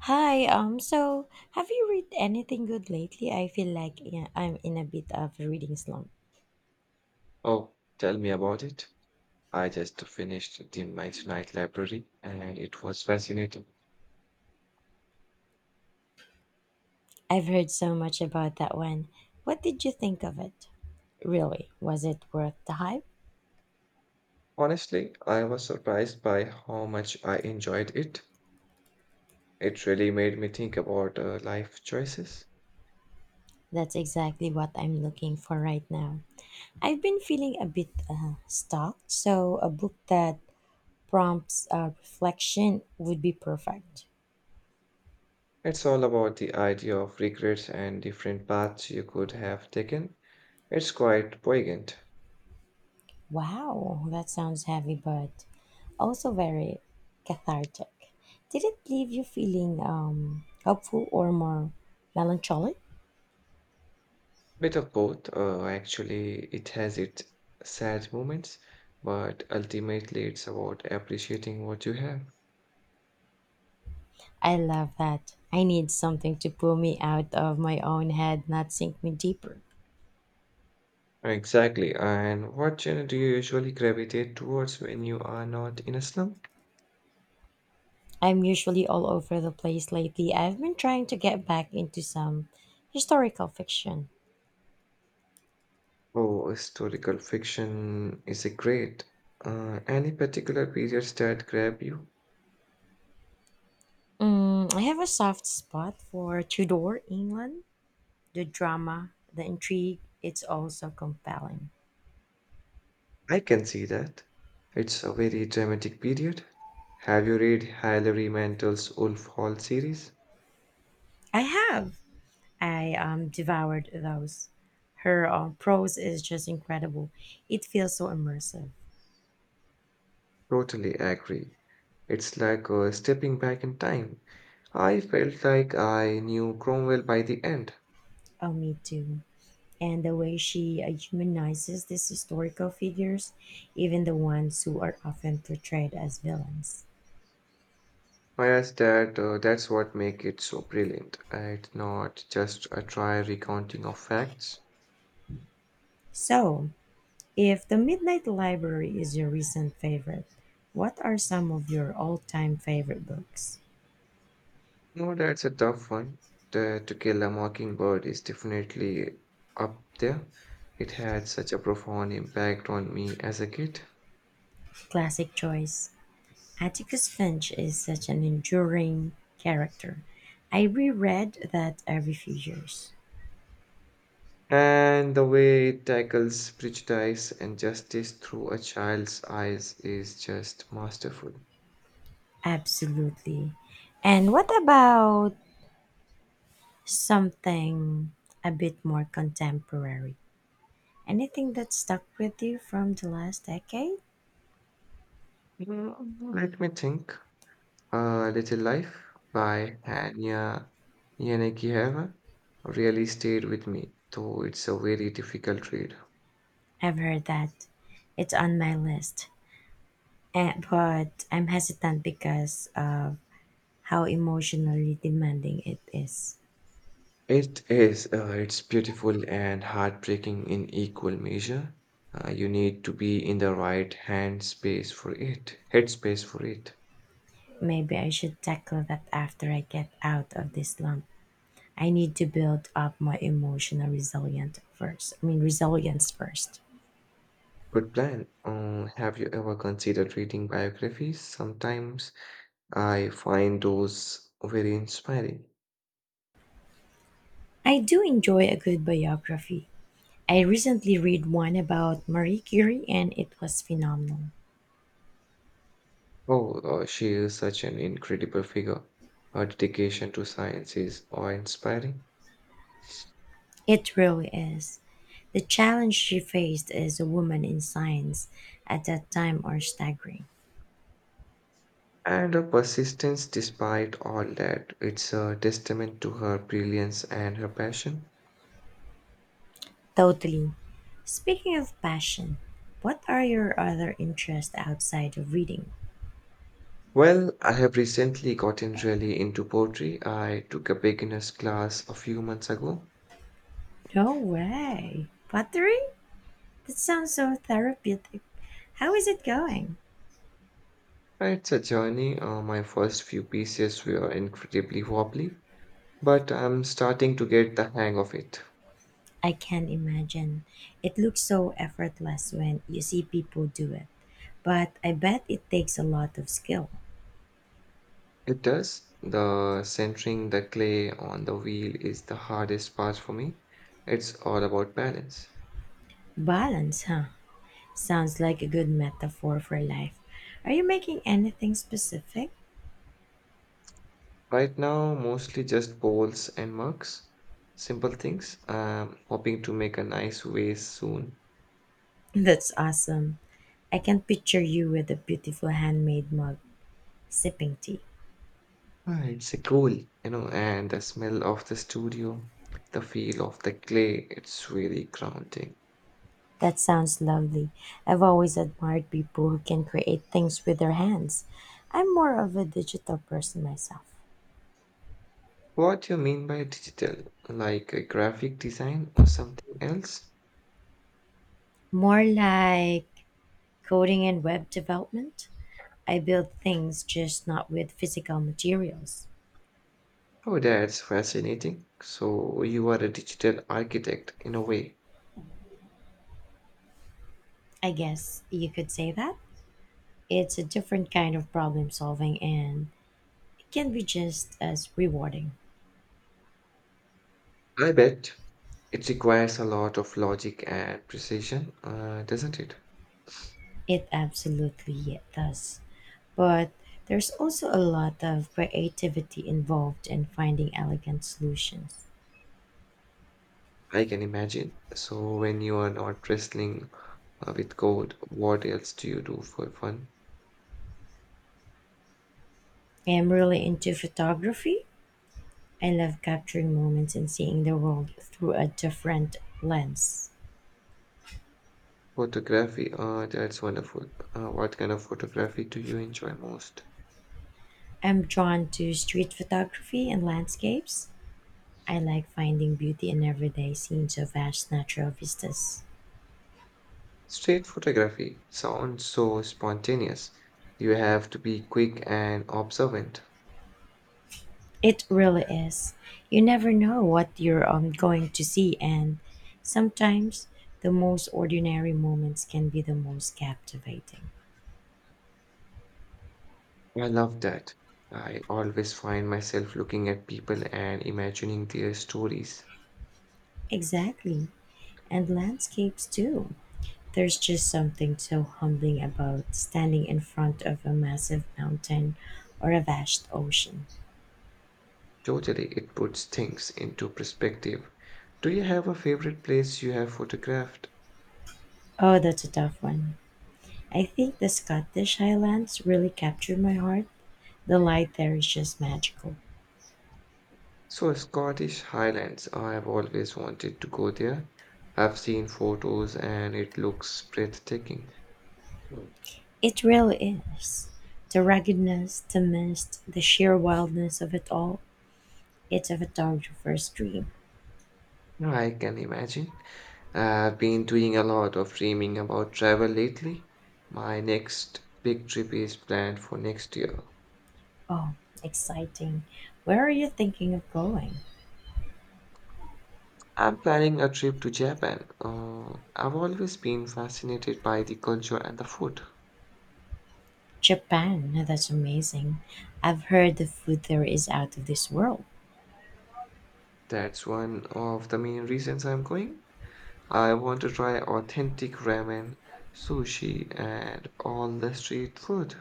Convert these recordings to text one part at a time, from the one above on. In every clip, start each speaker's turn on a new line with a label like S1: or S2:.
S1: Hi, so have you read anything good lately? I feel like, yeah, I'm in a bit of a reading slump.
S2: Oh, tell me about it. I just finished the Midnight Library and it was fascinating.
S1: I've heard so much about that one. What did you think of it? Really, was it worth the hype?
S2: Honestly, I was surprised by how much I enjoyed it. It really made me think about life choices.
S1: That's exactly what I'm looking for right now. I've been feeling a bit stuck, so a book that prompts reflection would be perfect.
S2: It's all about the idea of regrets and different paths you could have taken. It's quite poignant.
S1: Wow, that sounds heavy, but also very cathartic. Did it leave you feeling hopeful or more melancholic?
S2: Bit of both. Actually, it has its sad moments, but ultimately, it's about appreciating what you have.
S1: I love that. I need something to pull me out of my own head, not sink me deeper.
S2: Exactly. And what genre do you usually gravitate towards when you are not in a slum?
S1: I'm usually all over the place lately. I've been trying to get back into some historical fiction.
S2: Oh, historical fiction is a great. Any particular periods that grab you?
S1: Mm, I have a soft spot for Tudor England. The drama, the intrigue, it's also compelling.
S2: I can see that. It's a very dramatic period. Have you read Hilary Mantel's Wolf Hall series?
S1: I have. I devoured those. Her prose is just incredible. It feels so immersive.
S2: Totally agree. It's like stepping back in time. I felt like I knew Cromwell by the end.
S1: Oh, me too. And the way she humanizes these historical figures, even the ones who are often portrayed as villains.
S2: Oh, yes, that's what make it so brilliant. It's not just a dry recounting of facts.
S1: So, if The Midnight Library is your recent favorite, what are some of your all time favorite books?
S2: No, that's a tough one. The To Kill a Mockingbird is definitely up there. It had such a profound impact on me as a kid.
S1: Classic choice. Atticus Finch is such an enduring character. I reread that every few years.
S2: And the way it tackles prejudice and justice through a child's eyes is just masterful.
S1: Absolutely. And what about something a bit more contemporary? Anything that stuck with you from the last decade?
S2: Mm, Let me think. A Little Life by Hania Yanakihara really stayed with me, though it's a very difficult read.
S1: I've heard that. It's on my list. Eh, but I'm hesitant because of how emotionally demanding it is.
S2: It is, it's beautiful and heartbreaking in equal measure. You need to be in the right hand space for it, headspace for it.
S1: Maybe I should tackle that after I get out of this slump. I need to build up my emotional resilience first. I mean, resilience first.
S2: Good plan. Have you ever considered reading biographies? Sometimes I find those very inspiring.
S1: I do enjoy a good biography. I recently read one about Marie Curie and it was phenomenal.
S2: Oh, she is such an incredible figure. Her dedication to science is awe-inspiring,
S1: It really is. The challenge she faced as a woman in science at that time are staggering.
S2: and her persistence despite all that, it's a testament to her brilliance and her passion.
S1: Totally. Speaking of passion, what are your other interests outside of reading?
S2: Well, I have recently gotten really into poetry. I took a beginner's class a few months ago.
S1: No way. Pottery? That sounds so therapeutic. How is it going?
S2: It's a journey. My first few pieces were incredibly wobbly, but I'm starting to get the hang of it.
S1: I can imagine. It looks so effortless when you see people do it. But I bet it takes a lot of skill.
S2: It does. The centering the clay on the wheel is the hardest part for me. It's all about balance.
S1: Balance, huh? Sounds like a good metaphor for life. Are you making anything specific?
S2: Right now, mostly just bowls and mugs, simple things. I'm hoping to make a nice vase soon.
S1: That's awesome. I can picture you with a beautiful handmade mug sipping tea.
S2: Ah, it's a cool, you know, and the smell of the studio, the feel of the clay, it's really grounding.
S1: That sounds lovely. I've always admired people who can create things with their hands. I'm more of a digital person myself,
S2: What you mean by digital? Like a graphic design or something else?
S1: more like coding and web development. I build things, just not with physical materials.
S2: Oh, that's fascinating. So you are a digital architect in a way.
S1: I guess you could say that. It's a different kind of problem solving and it can be just as rewarding.
S2: I bet it requires a lot of logic and precision, doesn't it?
S1: It absolutely does. But there's also a lot of creativity involved in finding elegant solutions.
S2: I can imagine. So when you are not wrestling with code, what else do you do for fun?
S1: I am really into photography. I love capturing moments and seeing the world through a different lens.
S2: Photography, that's wonderful. What kind of photography do you enjoy most?
S1: I'm drawn to street photography and landscapes. I like finding beauty in everyday scenes of vast natural vistas.
S2: Street photography sounds so spontaneous. You have to be quick and observant.
S1: It really is. You never know what you're going to see, and sometimes the most ordinary moments can be the most captivating.
S2: I love that. I always find myself looking at people and imagining their stories.
S1: Exactly. And landscapes too. There's just something so humbling about standing in front of a massive mountain or a vast ocean.
S2: Totally, it puts things into perspective. Do you have a favorite place you have photographed?
S1: Oh, that's a tough one. I think the Scottish Highlands really captured my heart. The light there is just magical.
S2: So, Scottish Highlands. I have always wanted to go there. I've seen photos and it looks breathtaking. Hmm.
S1: It really is. The ruggedness, the mist, the sheer wildness of it all. It's a photographer's dream.
S2: I can imagine. I've been doing a lot of dreaming about travel lately. My next big trip is planned for next year.
S1: Oh, exciting. Where are you thinking of going?
S2: I'm planning a trip to Japan. I've always been fascinated by the culture and the food.
S1: Japan. That's amazing. I've heard the food there is out of this world.
S2: That's one of the main reasons I'm going. I want to try authentic ramen, sushi, and all the street food.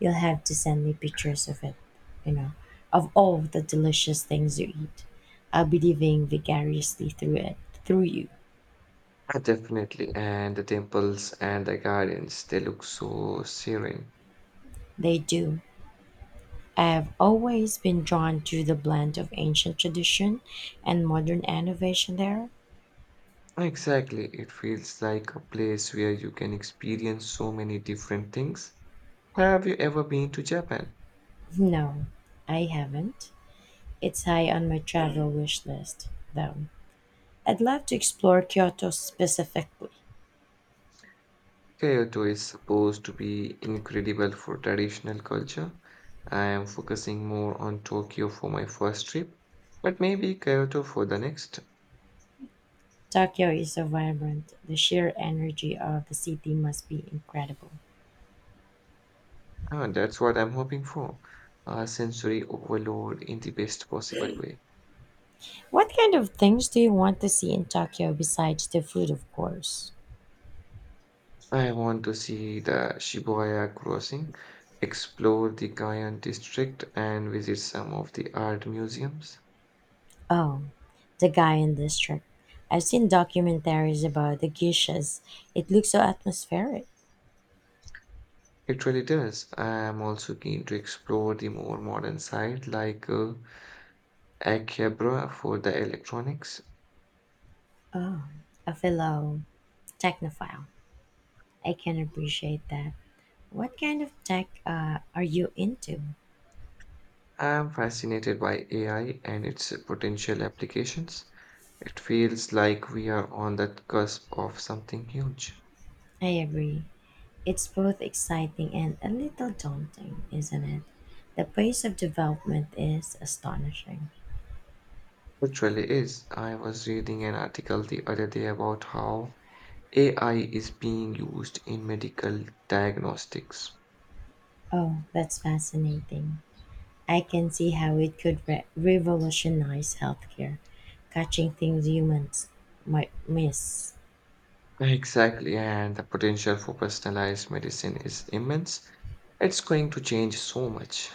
S1: You'll have to send me pictures of it, you know, of all the delicious things you eat. I'll be living vicariously through it, through you.
S2: Definitely, and the temples and the gardens, they look so serene.
S1: They do. I've always been drawn to the blend of ancient tradition and modern innovation there.
S2: Exactly, it feels like a place where you can experience so many different things. Have you ever been to Japan?
S1: No, I haven't. It's high on my travel wish list, though. I'd love to explore Kyoto specifically.
S2: Kyoto is supposed to be incredible for traditional culture. I am focusing more on Tokyo for my first trip, but maybe Kyoto for the next.
S1: Tokyo is so vibrant, the sheer energy of the city must be incredible.
S2: That's what I'm hoping for. A sensory overload in the best possible way.
S1: What kind of things do you want to see in Tokyo besides the food, of course?
S2: I want to see the Shibuya crossing, explore the Gion district, and visit some of the art museums.
S1: Oh, the guy in district. I've seen documentaries about the geishas. It looks so atmospheric.
S2: It really does. I am also keen to explore the more modern side like A Cabra for the electronics.
S1: Oh, a fellow technophile. I can appreciate that. What kind of tech are you into?
S2: I'm fascinated by AI and its potential applications. It feels like we are on the cusp of something huge.
S1: I agree. It's both exciting and a little daunting, isn't it? The pace of development is astonishing.
S2: It really is. I was reading an article the other day about how AI is being used in medical diagnostics.
S1: Oh, that's fascinating. I can see how it could revolutionize healthcare, catching things humans might miss.
S2: Exactly, and the potential for personalized medicine is immense. It's going to change so much.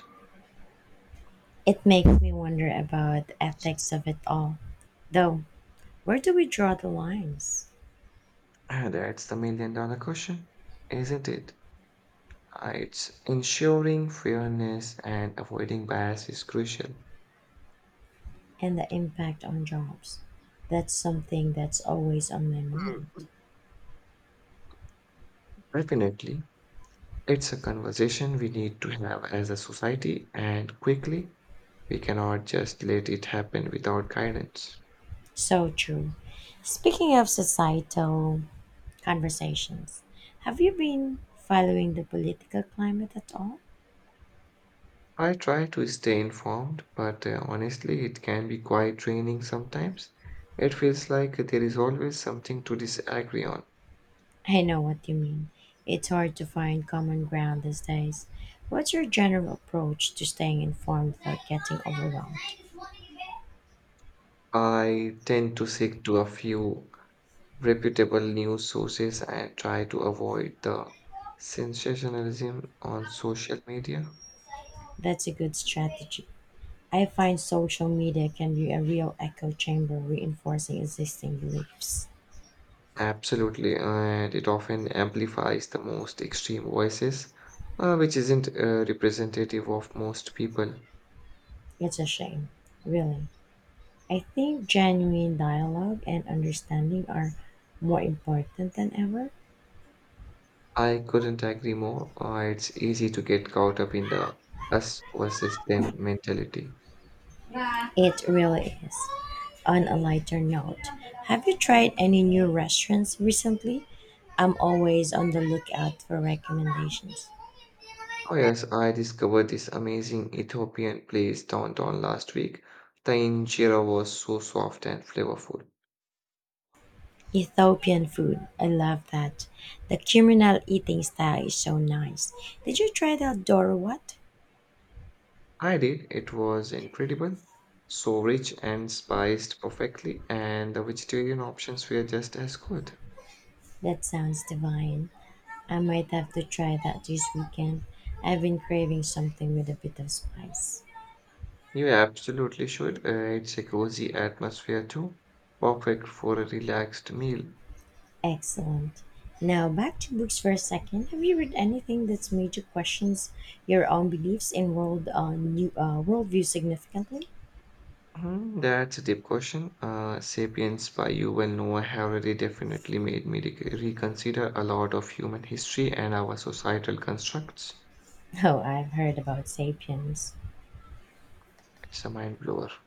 S1: It makes me wonder about the ethics of it all. Though, where do we draw the lines?
S2: And that's the million-dollar question, isn't it? It's ensuring fairness and avoiding bias is crucial. Hmm.
S1: And the impact on jobs. That's something that's always on my mind.
S2: Definitely, it's a conversation we need to have as a society, and quickly, we cannot just let it happen without guidance.
S1: So true. Speaking of societal conversations, have you been following the political climate at all?
S2: I try to stay informed, but honestly, it can be quite draining sometimes. It feels like there is always something to disagree on.
S1: I know what you mean. It's hard to find common ground these days. What's your general approach to staying informed without getting overwhelmed?
S2: I tend to stick to a few reputable news sources and try to avoid the sensationalism on social media.
S1: That's a good strategy. I find social media can be a real echo chamber reinforcing existing beliefs.
S2: Absolutely, and it often amplifies the most extreme voices, which isn't representative of most people.
S1: It's a shame, really. I think genuine dialogue and understanding are more important than ever.
S2: I couldn't agree more. It's easy to get caught up in the us versus them mentality.
S1: It really is. On a lighter note, have you tried any new restaurants recently? I'm always on the lookout for recommendations.
S2: Oh, yes, I discovered this amazing Ethiopian place downtown last week. The injera was so soft and flavorful.
S1: Ethiopian food, I love that. The communal eating style is so nice. Did you try the Dora what?
S2: I did. It was incredible. So rich and spiced perfectly, and the vegetarian options were just as good.
S1: That sounds divine. I might have to try that this weekend. I've been craving something with a bit of spice.
S2: You absolutely should. It's a cozy atmosphere too. Perfect for a relaxed meal.
S1: Excellent. Now back to books for a second. Have you read anything that's made you question your own beliefs in worldview significantly?
S2: Hmm, that's a deep question. Sapiens by Yuval Noah Harari definitely made me reconsider a lot of human history and our societal constructs.
S1: Oh, I've heard about *Sapiens*.
S2: It's a mind blower.